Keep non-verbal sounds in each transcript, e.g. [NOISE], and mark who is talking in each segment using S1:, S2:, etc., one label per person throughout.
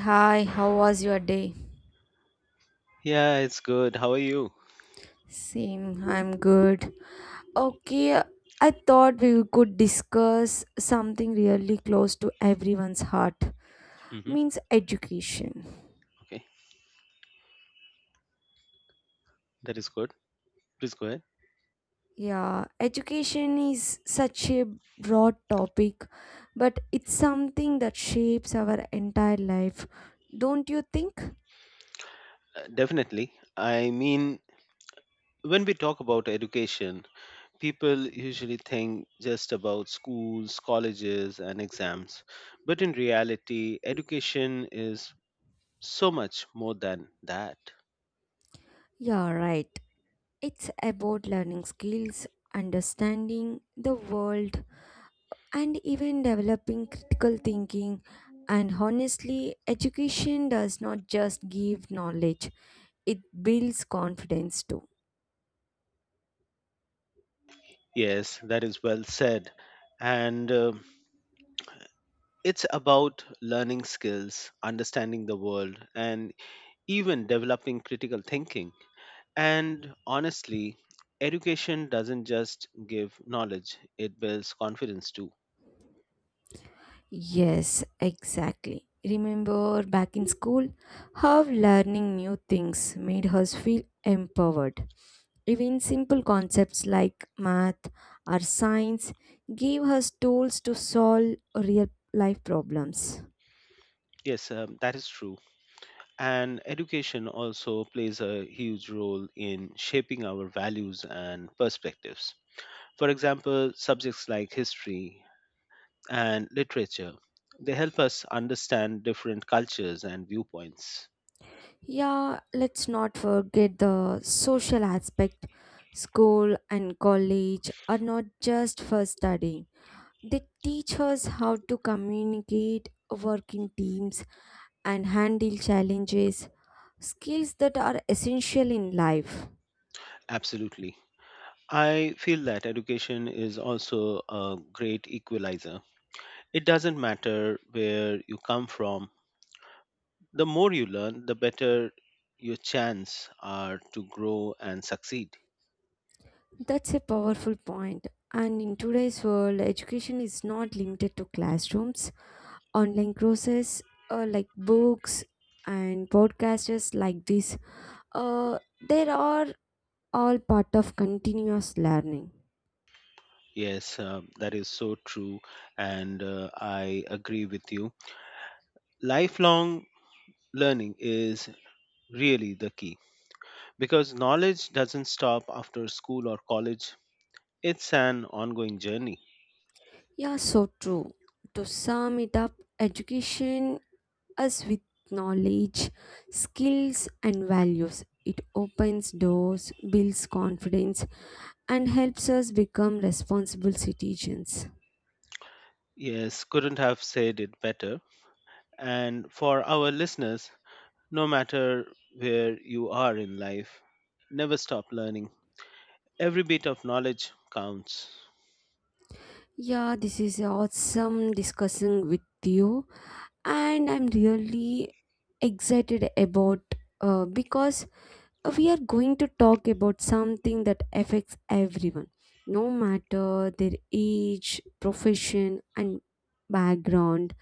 S1: Hi, how was your day?
S2: Yeah, it's good. How are you?
S1: Same, I'm good. Okay, I thought we could discuss something really close to everyone's heart.
S2: Hmm.
S1: Means education.
S2: Okay, that is good. Please go ahead.
S1: Yeah, education is such a broad topic, but it's something that shapes our entire life. Don't you think?
S2: Definitely. I mean, when we talk about education, people usually think just about schools, colleges, and exams. But in reality, education is so much more than that.
S1: Yeah, right. It's about learning skills, understanding the world, and even developing critical thinking. And honestly, education does not just give knowledge, it builds confidence too.
S2: Yes, that is well said. And it's about learning skills, understanding the world, and even developing critical thinking. And honestly, education doesn't just give knowledge, it builds confidence too.
S1: Yes, exactly. Remember back in school how learning new things made us feel empowered. Even simple concepts like math or science gave us tools to solve real life problems.
S2: Yes, that is true. And education also plays a huge role in shaping our values and perspectives. For example, subjects like history and literature, they help us understand different cultures and viewpoints.
S1: Yeah, let's not forget the social aspect. School and college are not just for studying, they teach us how to communicate, work in teams, and handle challenges, skills that are essential in life.
S2: Absolutely. I feel that education is also a great equalizer. It doesn't matter where you come from. The more you learn, the better your chance are to grow and succeed.
S1: That's a powerful point. And in today's world, education is not limited to classrooms. Online courses like books and podcasters like this, there are all part of continuous learning.
S2: Yes, that is so true, and I agree with you. Lifelong learning is really the key because knowledge doesn't stop after school or college, it's an ongoing journey.
S1: Yeah, so true. To sum it up, education as with knowledge, skills, and values. It opens doors, builds confidence, and helps us become responsible citizens.
S2: Yes, couldn't have said it better. And for our listeners, no matter where you are in life, never stop learning. Every bit of knowledge counts.
S1: Yeah, this is awesome discussing with you, and I'm really excited about because we are going to talk about something that affects everyone, no matter their age, profession, and background,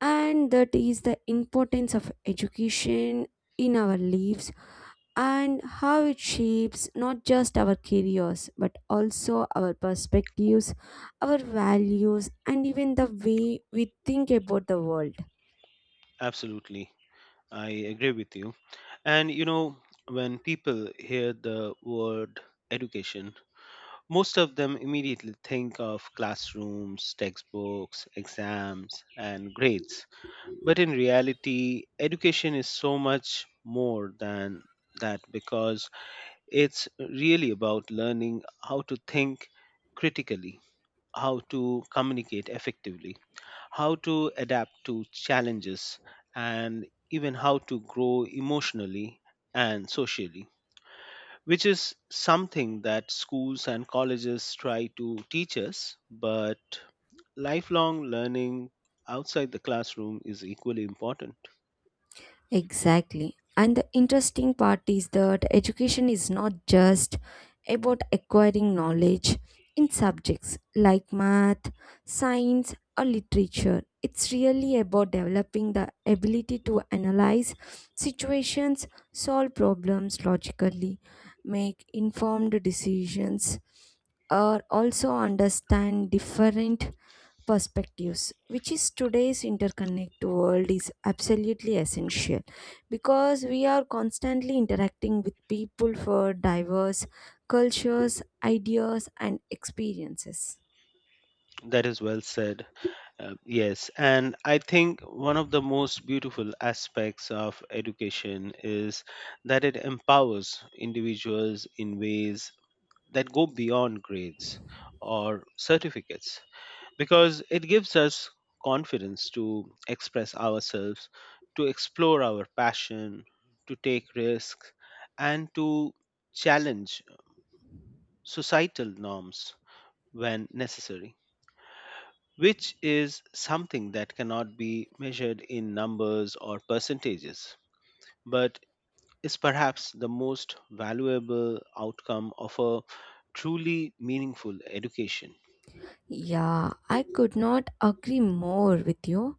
S1: and that is the importance of education in our lives and how it shapes not just our careers but also our perspectives, our values, and even the way we think about the world.
S2: Absolutely. I agree with you. And you know, when people hear the word education, most of them immediately think of classrooms, textbooks, exams, and grades. But in reality, education is so much more than that because it's really about learning how to think critically, how to communicate effectively, how to adapt to challenges, and even how to grow emotionally and socially, which is something that schools and colleges try to teach us, but lifelong learning outside the classroom is equally important.
S1: Exactly. And the interesting part is that education is not just about acquiring knowledge in subjects like math, science, or literature. It's really about developing the ability to analyze situations, solve problems logically, make informed decisions, or also understand different perspectives which is today's interconnected world is absolutely essential because we are constantly interacting with people for diverse cultures ideas and experiences.
S2: That is well said. Yes, and I think one of the most beautiful aspects of education is that it empowers individuals in ways that go beyond grades or certificates because it gives us confidence to express ourselves, to explore our passion, to take risks, and to challenge societal norms when necessary, which is something that cannot be measured in numbers or percentages, but is perhaps the most valuable outcome of a truly meaningful education.
S1: Yeah, I could not agree more with you,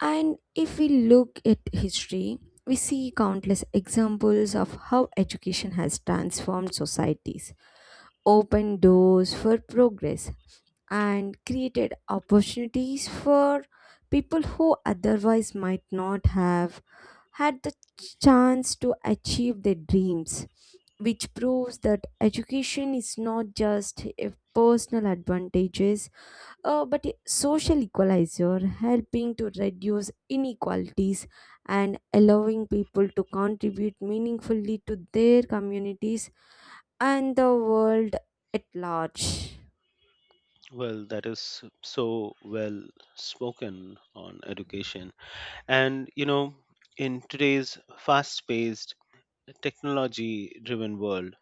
S1: and if we look at history we see countless examples of how education has transformed societies, opened doors for progress, and created opportunities for people who otherwise might not have had the chance to achieve their dreams, which proves that education is not just a personal advantages, but a social equalizer helping to reduce inequalities and allowing people to contribute meaningfully to their communities and the world at large.
S2: Well, that is so well spoken on education. And, you know, in today's fast paced, technology driven world,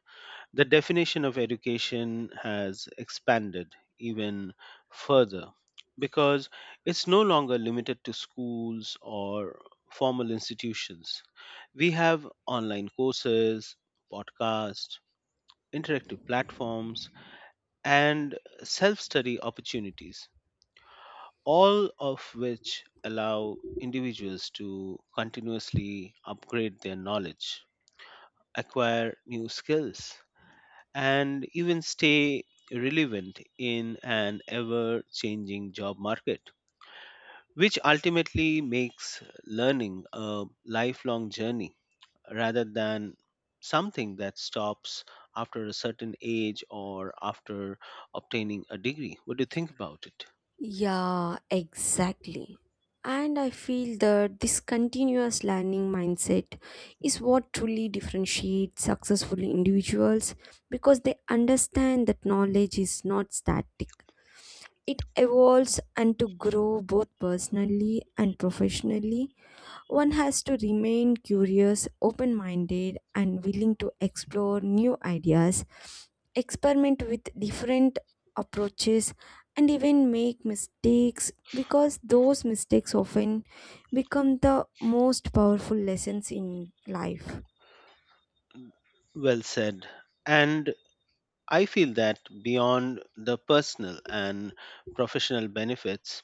S2: the definition of education has expanded even further because it's no longer limited to schools or formal institutions. We have online courses, podcasts, interactive platforms, and self study opportunities, all of which allow individuals to continuously upgrade their knowledge, acquire new skills, and even stay relevant in an ever changing job market, which ultimately makes learning a lifelong journey rather than something that stops after a certain age or after obtaining a degree. What do you think about it?
S1: Yeah, exactly. And I feel that this continuous learning mindset is what truly differentiates successful individuals because they understand that knowledge is not static. It evolves, and to grow both personally and professionally one has to remain curious, open minded, and willing to explore new ideas, experiment with different approaches, and even make mistakes because those mistakes often become the most powerful lessons in life.
S2: Well said. And I feel that beyond the personal and professional benefits,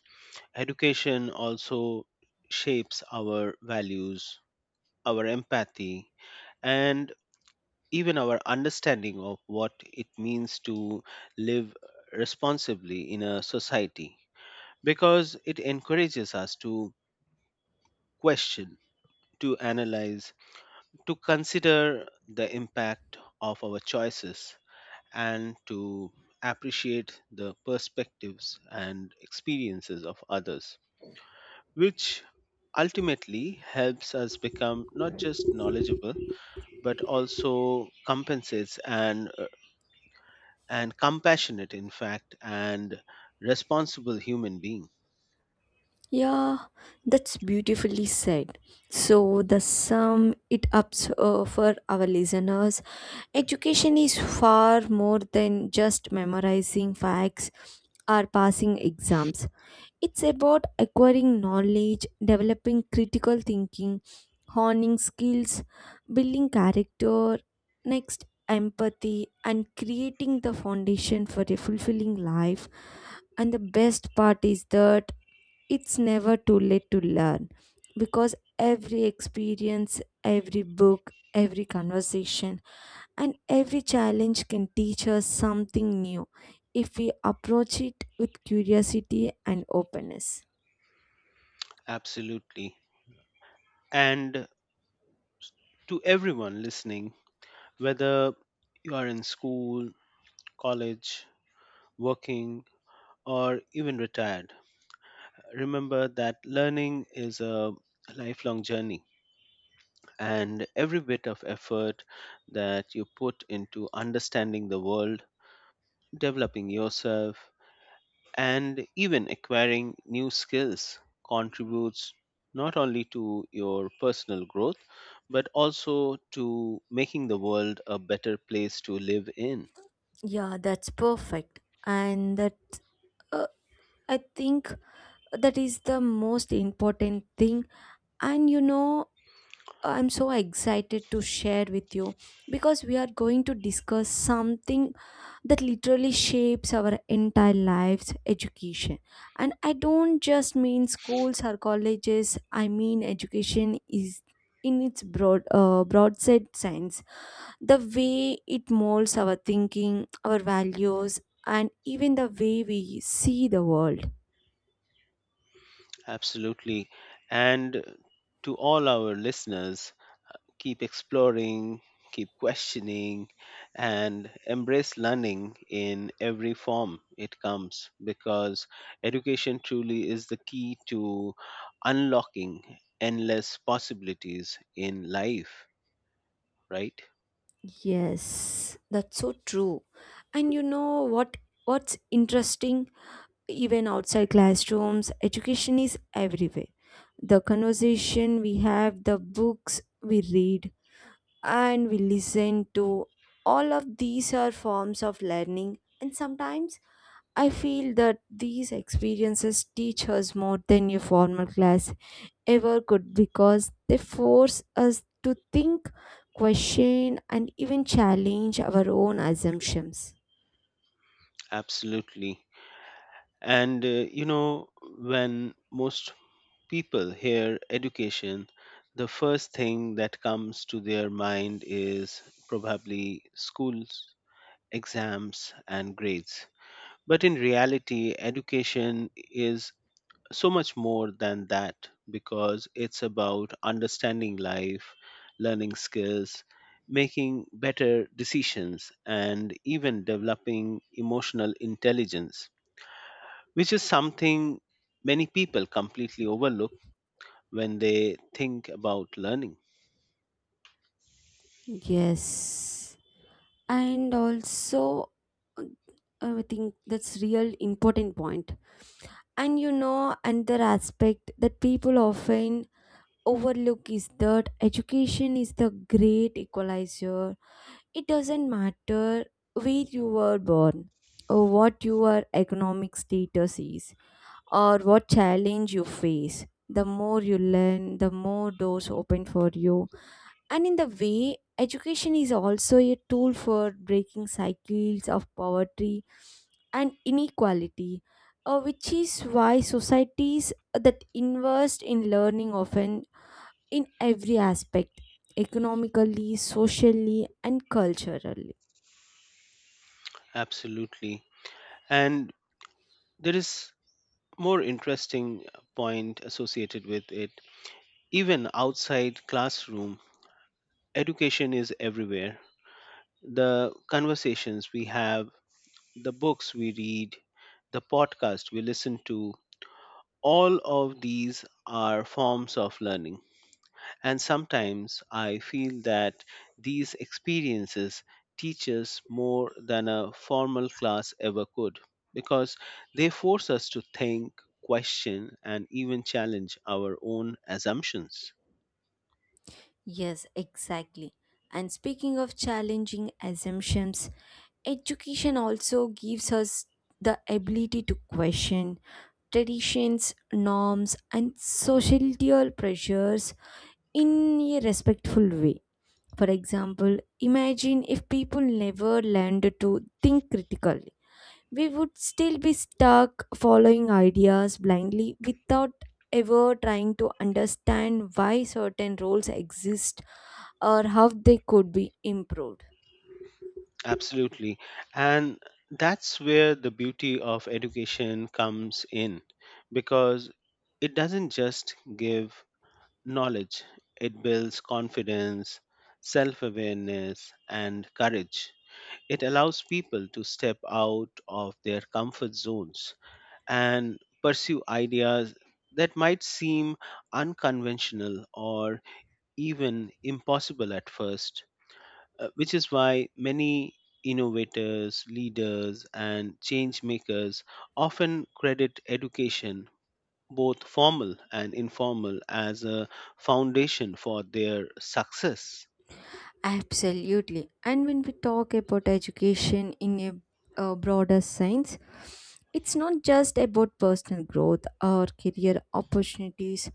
S2: education also shapes our values, our empathy, and even our understanding of what it means to live responsibly in a society because it encourages us to question, to analyze, to consider the impact of our choices and to appreciate the perspectives and experiences of others, which ultimately helps us become not just knowledgeable but also compensates and compassionate in fact and responsible human being.
S1: Yeah, that's beautifully said. So, the sum it up for our listeners, education is far more than just memorizing facts or passing exams. It's about acquiring knowledge, developing critical thinking, honing skills, building character. Next, empathy and creating the foundation for a fulfilling life, and the best part is that it's never too late to learn because every experience, every book, every conversation, and every challenge can teach us something new if we approach it with curiosity and openness.
S2: Absolutely. And to everyone listening, whether you are in school, college, working, or even retired, remember that learning is a lifelong journey and every bit of effort that you put into understanding the world, developing yourself, and even acquiring new skills contributes not only to your personal growth but also to making the world a better place to live in.
S1: Yeah, that's perfect. And that, uh, I think that is the most important thing. And you know, I'm so excited to share with you because we are going to discuss something that literally shapes our entire lives, education. And I don't just mean schools or colleges, I mean education is in its broad set sense, the way it molds our thinking, our values, and even the way we see the world.
S2: Absolutely. And to all our listeners, keep exploring, keep questioning, and embrace learning in every form it comes because education truly is the key to unlocking endless possibilities in life, right?
S1: Yes, that's so true. And you know what, what's interesting, even outside classrooms education is everywhere. The conversation we have, the books we read and we listen to, all of these are forms of learning, and sometimes I feel that these experiences teach us more than a formal class ever could because they force us to think, question, and even challenge our own assumptions.
S2: Absolutely. And you know, when most people hear education, the first thing that comes to their mind is probably schools, exams, and grades. But in reality, education is so much more than that because it's about understanding life, learning skills, making better decisions, and even developing emotional intelligence, which is something many people completely overlook when they think about learning.
S1: Yes, and also, uh, I think that's real important point. And you know, another aspect that people often overlook is that education is the great equalizer. It doesn't matter where you were born, or what your economic status is, or what challenge you face. The more you learn, the more doors open for you, and in the way, education is also a tool for breaking cycles of poverty and inequality, which is why societies that invest in learning often in every aspect, economically, socially, and culturally.
S2: Absolutely. And there is more interesting point associated with it. Even outside classroom, education is everywhere. The conversations we have, the books we read, the podcast we listen to, all of these are forms of learning. And sometimes I feel that these experiences teach us more than a formal class ever could because they force us to think, question, and even challenge our own assumptions.
S1: Yes, exactly. And speaking of challenging assumptions, education also gives us the ability to question traditions, norms, and societal pressures in a respectful way. For example, imagine if people never learned to think critically. We would still be stuck following ideas blindly without ever trying to understand why certain roles exist or how they could be improved.
S2: Absolutely. And that's where the beauty of education comes in because it doesn't just give knowledge, it builds confidence, self awareness, and courage. It allows people to step out of their comfort zones and pursue ideas that might seem unconventional or even impossible at first, which is why many innovators, leaders, and change makers often credit education, both formal and informal, as a foundation for their success.
S1: Absolutely. And when we talk about education in a, broader sense, it's not just about personal growth or career opportunities,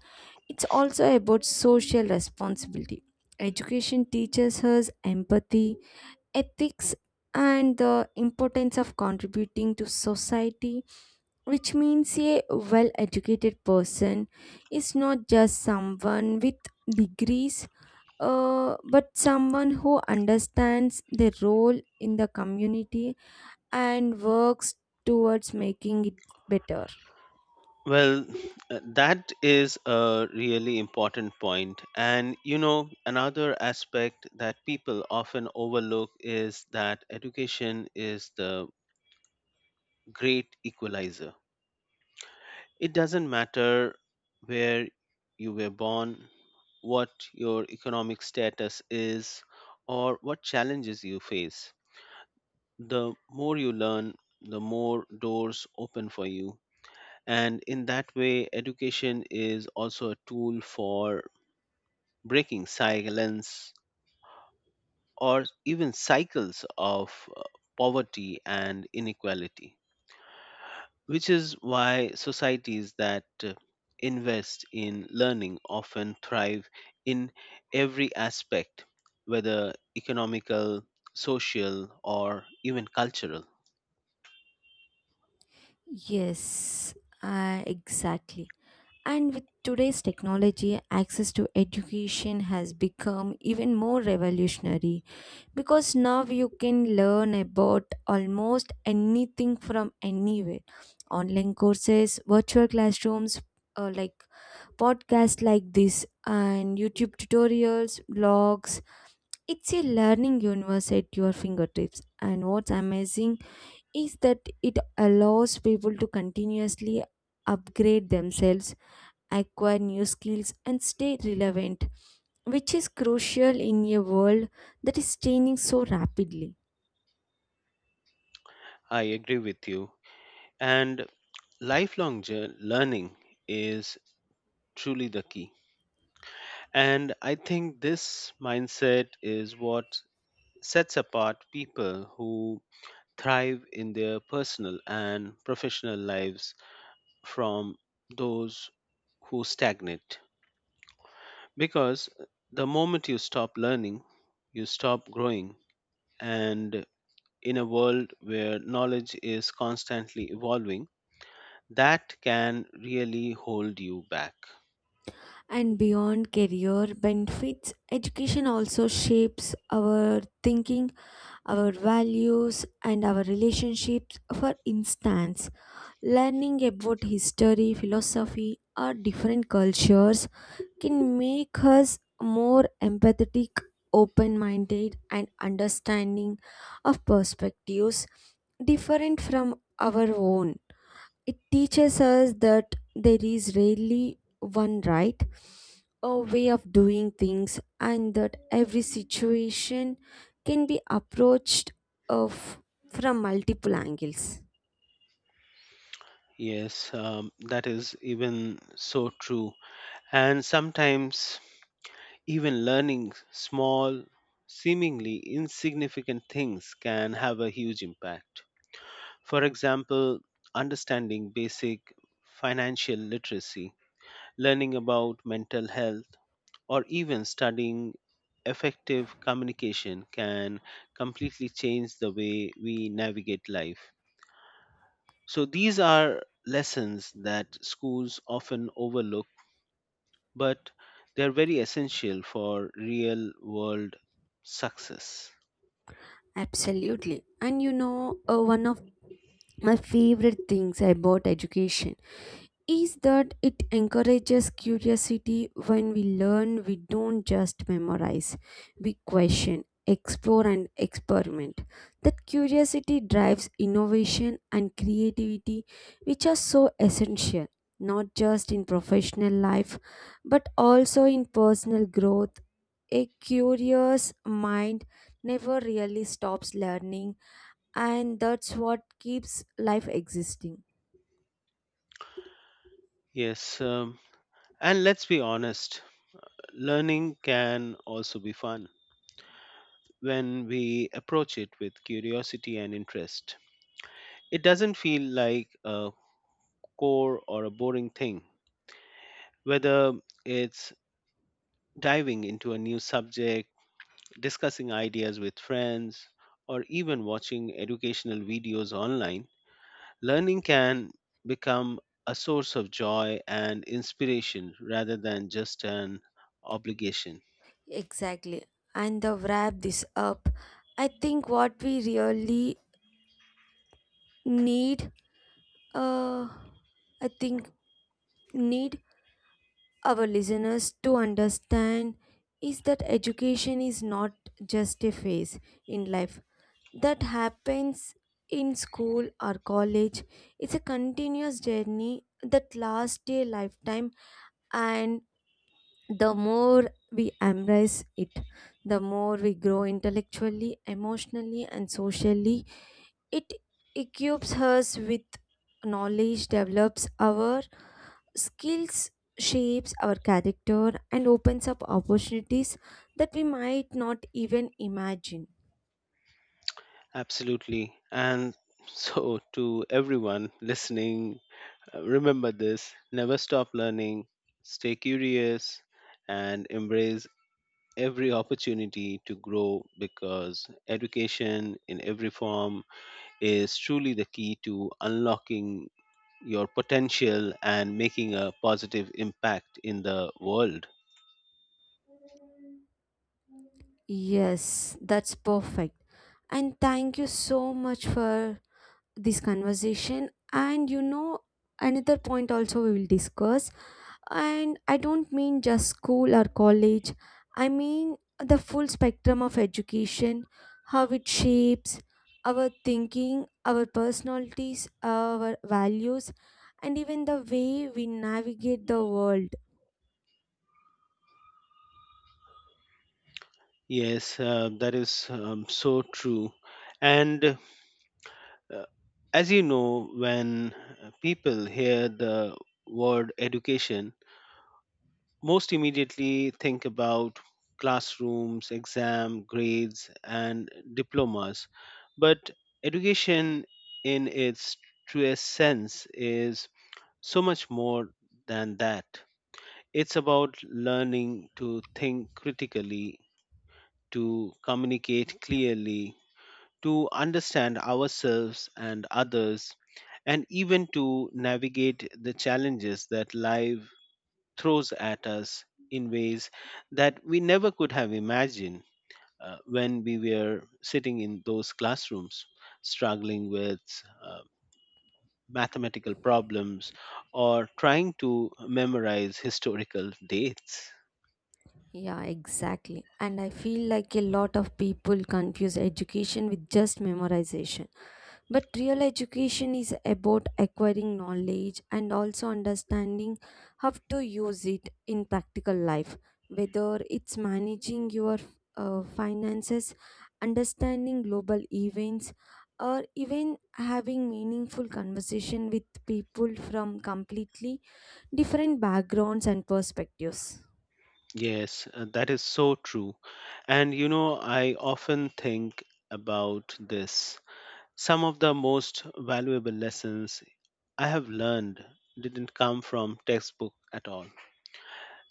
S1: it's also about social responsibility. Education teaches us empathy, ethics, and the importance of contributing to society, which means a well educated person is not just someone with degrees, but someone who understands their role in the community and works towards making it better.
S2: Well, that is a really important point. And you know, another aspect that people often overlook is that education is the great equalizer. It doesn't matter where you were born, what your economic status is, or what challenges you face. The more you learn, the more doors open for you. And in that way, education is also a tool for breaking silence or even cycles of poverty and inequality, which is why societies that invest in learning often thrive in every aspect, whether economical, social, or even cultural.
S1: Yes, exactly. And with today's technology, access to education has become even more revolutionary because now you can learn about almost anything from anywhere. Online courses, virtual classrooms, like podcasts like this, and youtube tutorials, blogs, it's a learning universe at your fingertips. And what's amazing is that it allows people to continuously upgrade themselves, acquire new skills, and stay relevant, which is crucial in a world that is changing so rapidly.
S2: I agree with you. And learning is truly the key. And I think this mindset is what sets apart people who thrive in their personal and professional lives from those who stagnate because the moment you stop learning, you stop growing. And in a world where knowledge is constantly evolving, that can really hold you back.
S1: And beyond career benefits, education also shapes our thinking, our values, and our relationships. For instance, learning about history, philosophy, or different cultures can make us more empathetic, open minded, and understanding of perspectives different from our own. It teaches us that there is rarely one right a way of doing things, and that every situation can be approached of from multiple angles.
S2: Yes, that is even so true. And sometimes, even learning small, seemingly insignificant things can have a huge impact. For example, understanding basic financial literacy, learning about mental health, or even studying effective communication can completely change the way we navigate life. So, these are lessons that schools often overlook, but they're very essential for real world success.
S1: Absolutely. And you know, one of my favorite things about education is that it encourages curiosity. When we learn we don't just memorize, we question, explore, and experiment. That curiosity drives innovation and creativity, which are so essential not just in professional life but also in personal growth. A curious mind never really stops learning, and that's what keeps life existing.
S2: Yes, and let's be honest, learning can also be fun when we approach it with curiosity and interest. It doesn't feel like a core or a boring thing, whether it's diving into a new subject, discussing ideas with friends, or even watching educational videos online. Learning can become a source of joy and inspiration rather than just an obligation.
S1: Exactly. And to wrap this up, I think what we really need, uh, I think need our listeners to understand is that education is not just a phase in life that happens in school or college. It's a continuous journey that lasts a lifetime, and the more we embrace it, the more we grow intellectually, emotionally, and socially. It equips us with knowledge, develops our skills, shapes our character, and opens up opportunities that we might not even imagine.
S2: Absolutely. And [LAUGHS] so, to everyone listening, remember this, never stop learning, stay curious, and embrace every opportunity to grow because education in every form is truly the key to unlocking your potential and making a positive impact in the world.
S1: Yes, that's perfect. And thank you so much for this conversation. And you know, another point also we will discuss. And I don't mean just school or college, I mean the full spectrum of education, how it shapes our thinking, our personalities, our values, and even the way we navigate the world.
S2: Yes, that is so true. And uh, as you know, when people hear the word education, most immediately think about classrooms, exam, grades, and diplomas. But education, in its truest sense, is so much more than that. It's about learning to think critically, to communicate clearly, to understand ourselves and others, and even to navigate the challenges that life throws at us in ways that we never could have imagined, when we were sitting in those classrooms, struggling with uh, mathematical problems or trying to memorize historical dates.
S1: Yeah, exactly. And I feel like a lot of people confuse education with just memorization. But real education is about acquiring knowledge and also understanding how to use it in practical life, whether it's managing your finances, understanding global events, or even having meaningful conversation with people from completely different backgrounds and perspectives.
S2: Yes, that is so true. And you know, I often think about this. Some of the most valuable lessons I have learned didn't come from textbook at all.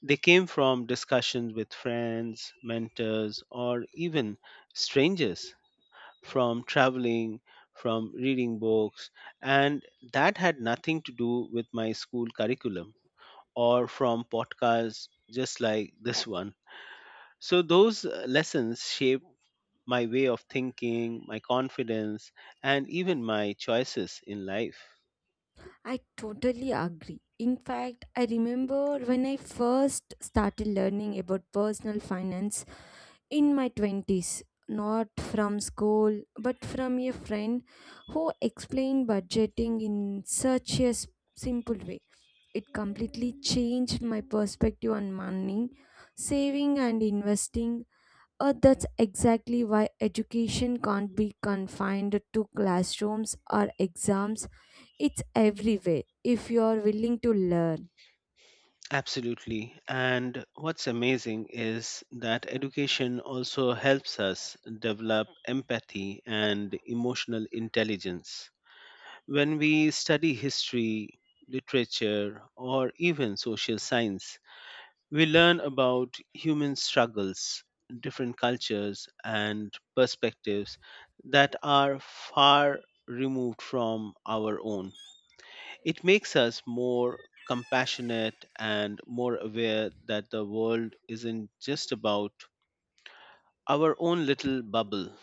S2: They came from discussions with friends, mentors, or even strangers, from traveling, from reading books, and that had nothing to do with my school curriculum or from podcasts just like this one. So, those lessons shaped my way of thinking, my confidence, and even my choices in life.
S1: I totally agree. In fact, I remember when I first started learning about personal finance in my 20s, not from school, but from a friend who explained budgeting in such a simple way. It completely changed my perspective on money, saving, and investing. That's exactly why education can't be confined to classrooms or exams. It's everywhere if you are willing to learn.
S2: Absolutely. And what's amazing is that education also helps us develop empathy and emotional intelligence. When we study history, literature, or even social science, we learn about human struggles, different cultures, and perspectives that are far removed from our own. It makes us more compassionate and more aware that the world isn't just about our own little bubble,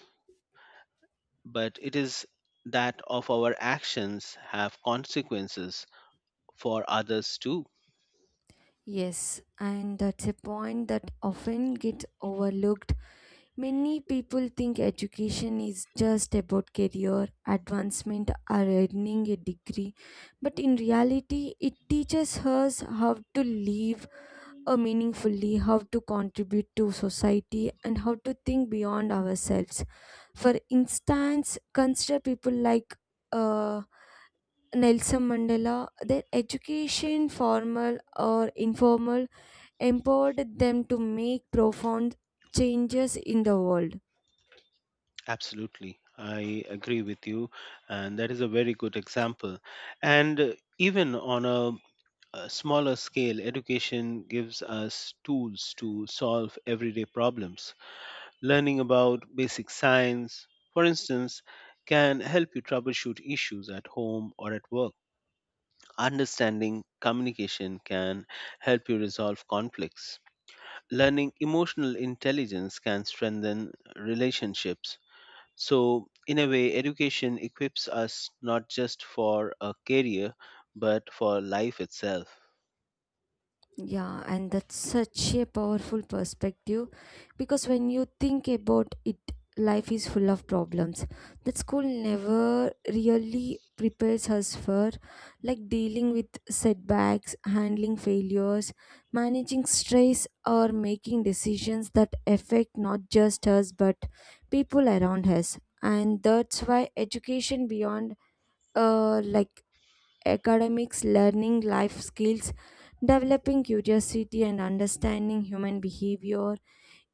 S2: but it is that of our actions have consequences for others too.
S1: Yes, and that's a point that often gets overlooked. Many people think education is just about career advancement or earning a degree, but in reality, it teaches us how to live meaningfully, how to contribute to society, and how to think beyond ourselves. For instance, consider people like uh, Nelson Mandela, their education, formal or informal, empowered them to make profound changes in the world.
S2: Absolutely. I agree with you. And that is a very good example. And even on a smaller scale, education gives us tools to solve everyday problems. Learning about basic science, for instance, can help you troubleshoot issues at home or at work. Understanding communication can help you resolve conflicts. Learning emotional intelligence can strengthen relationships. So, in a way, education equips us not just for a career, but for life itself.
S1: Yeah, and that's such a powerful perspective because when you think about it, life is full of problems that school never really prepares us for, like dealing with setbacks, handling failures, managing stress, or making decisions that affect not just us but people around us. And that's why education beyond like academics, learning life skills, developing curiosity, and understanding human behavior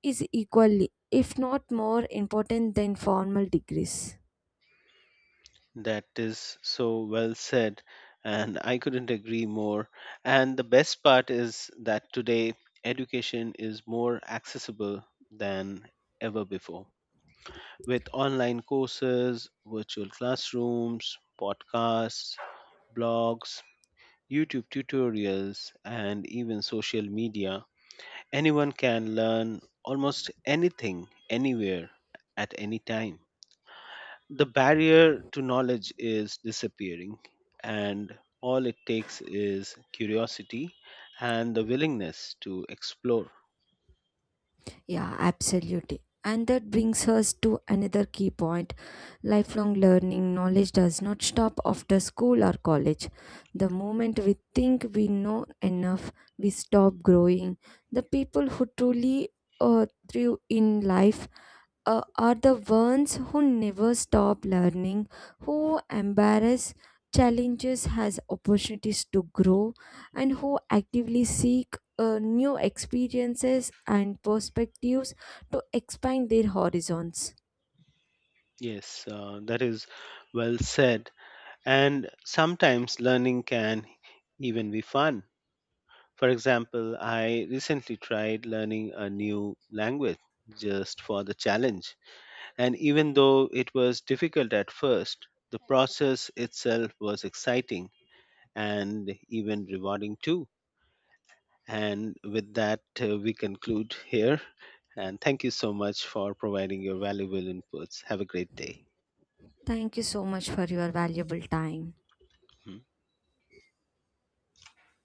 S1: is equally, if not more, important than formal degrees.
S2: That is so well said, and I couldn't agree more. And the best part is that today education is more accessible than ever before. With online courses, virtual classrooms, podcasts, blogs, YouTube tutorials, and even social media, anyone can learn almost anything, anywhere, at any time. The barrier to knowledge is disappearing, and all it takes is curiosity and the willingness to explore.
S1: Yeah, absolutely. And that brings us to another key point. Lifelong learning knowledge does not stop after school or college. The moment we think we know enough, we stop growing. The people who truly uh, thrive in life are the ones who never stop learning, who embrace challenges as opportunities to grow, and who actively seek new experiences and perspectives to expand their horizons.
S2: Yes, that is well said. And sometimes learning can even be fun. For example, I recently tried learning a new language just for the challenge. And even though it was difficult at first, the process itself was exciting and even rewarding too. And with that, we conclude here. And thank you so much for providing your valuable inputs. Have a great day.
S1: Thank you so much for your valuable time.
S2: Hmm.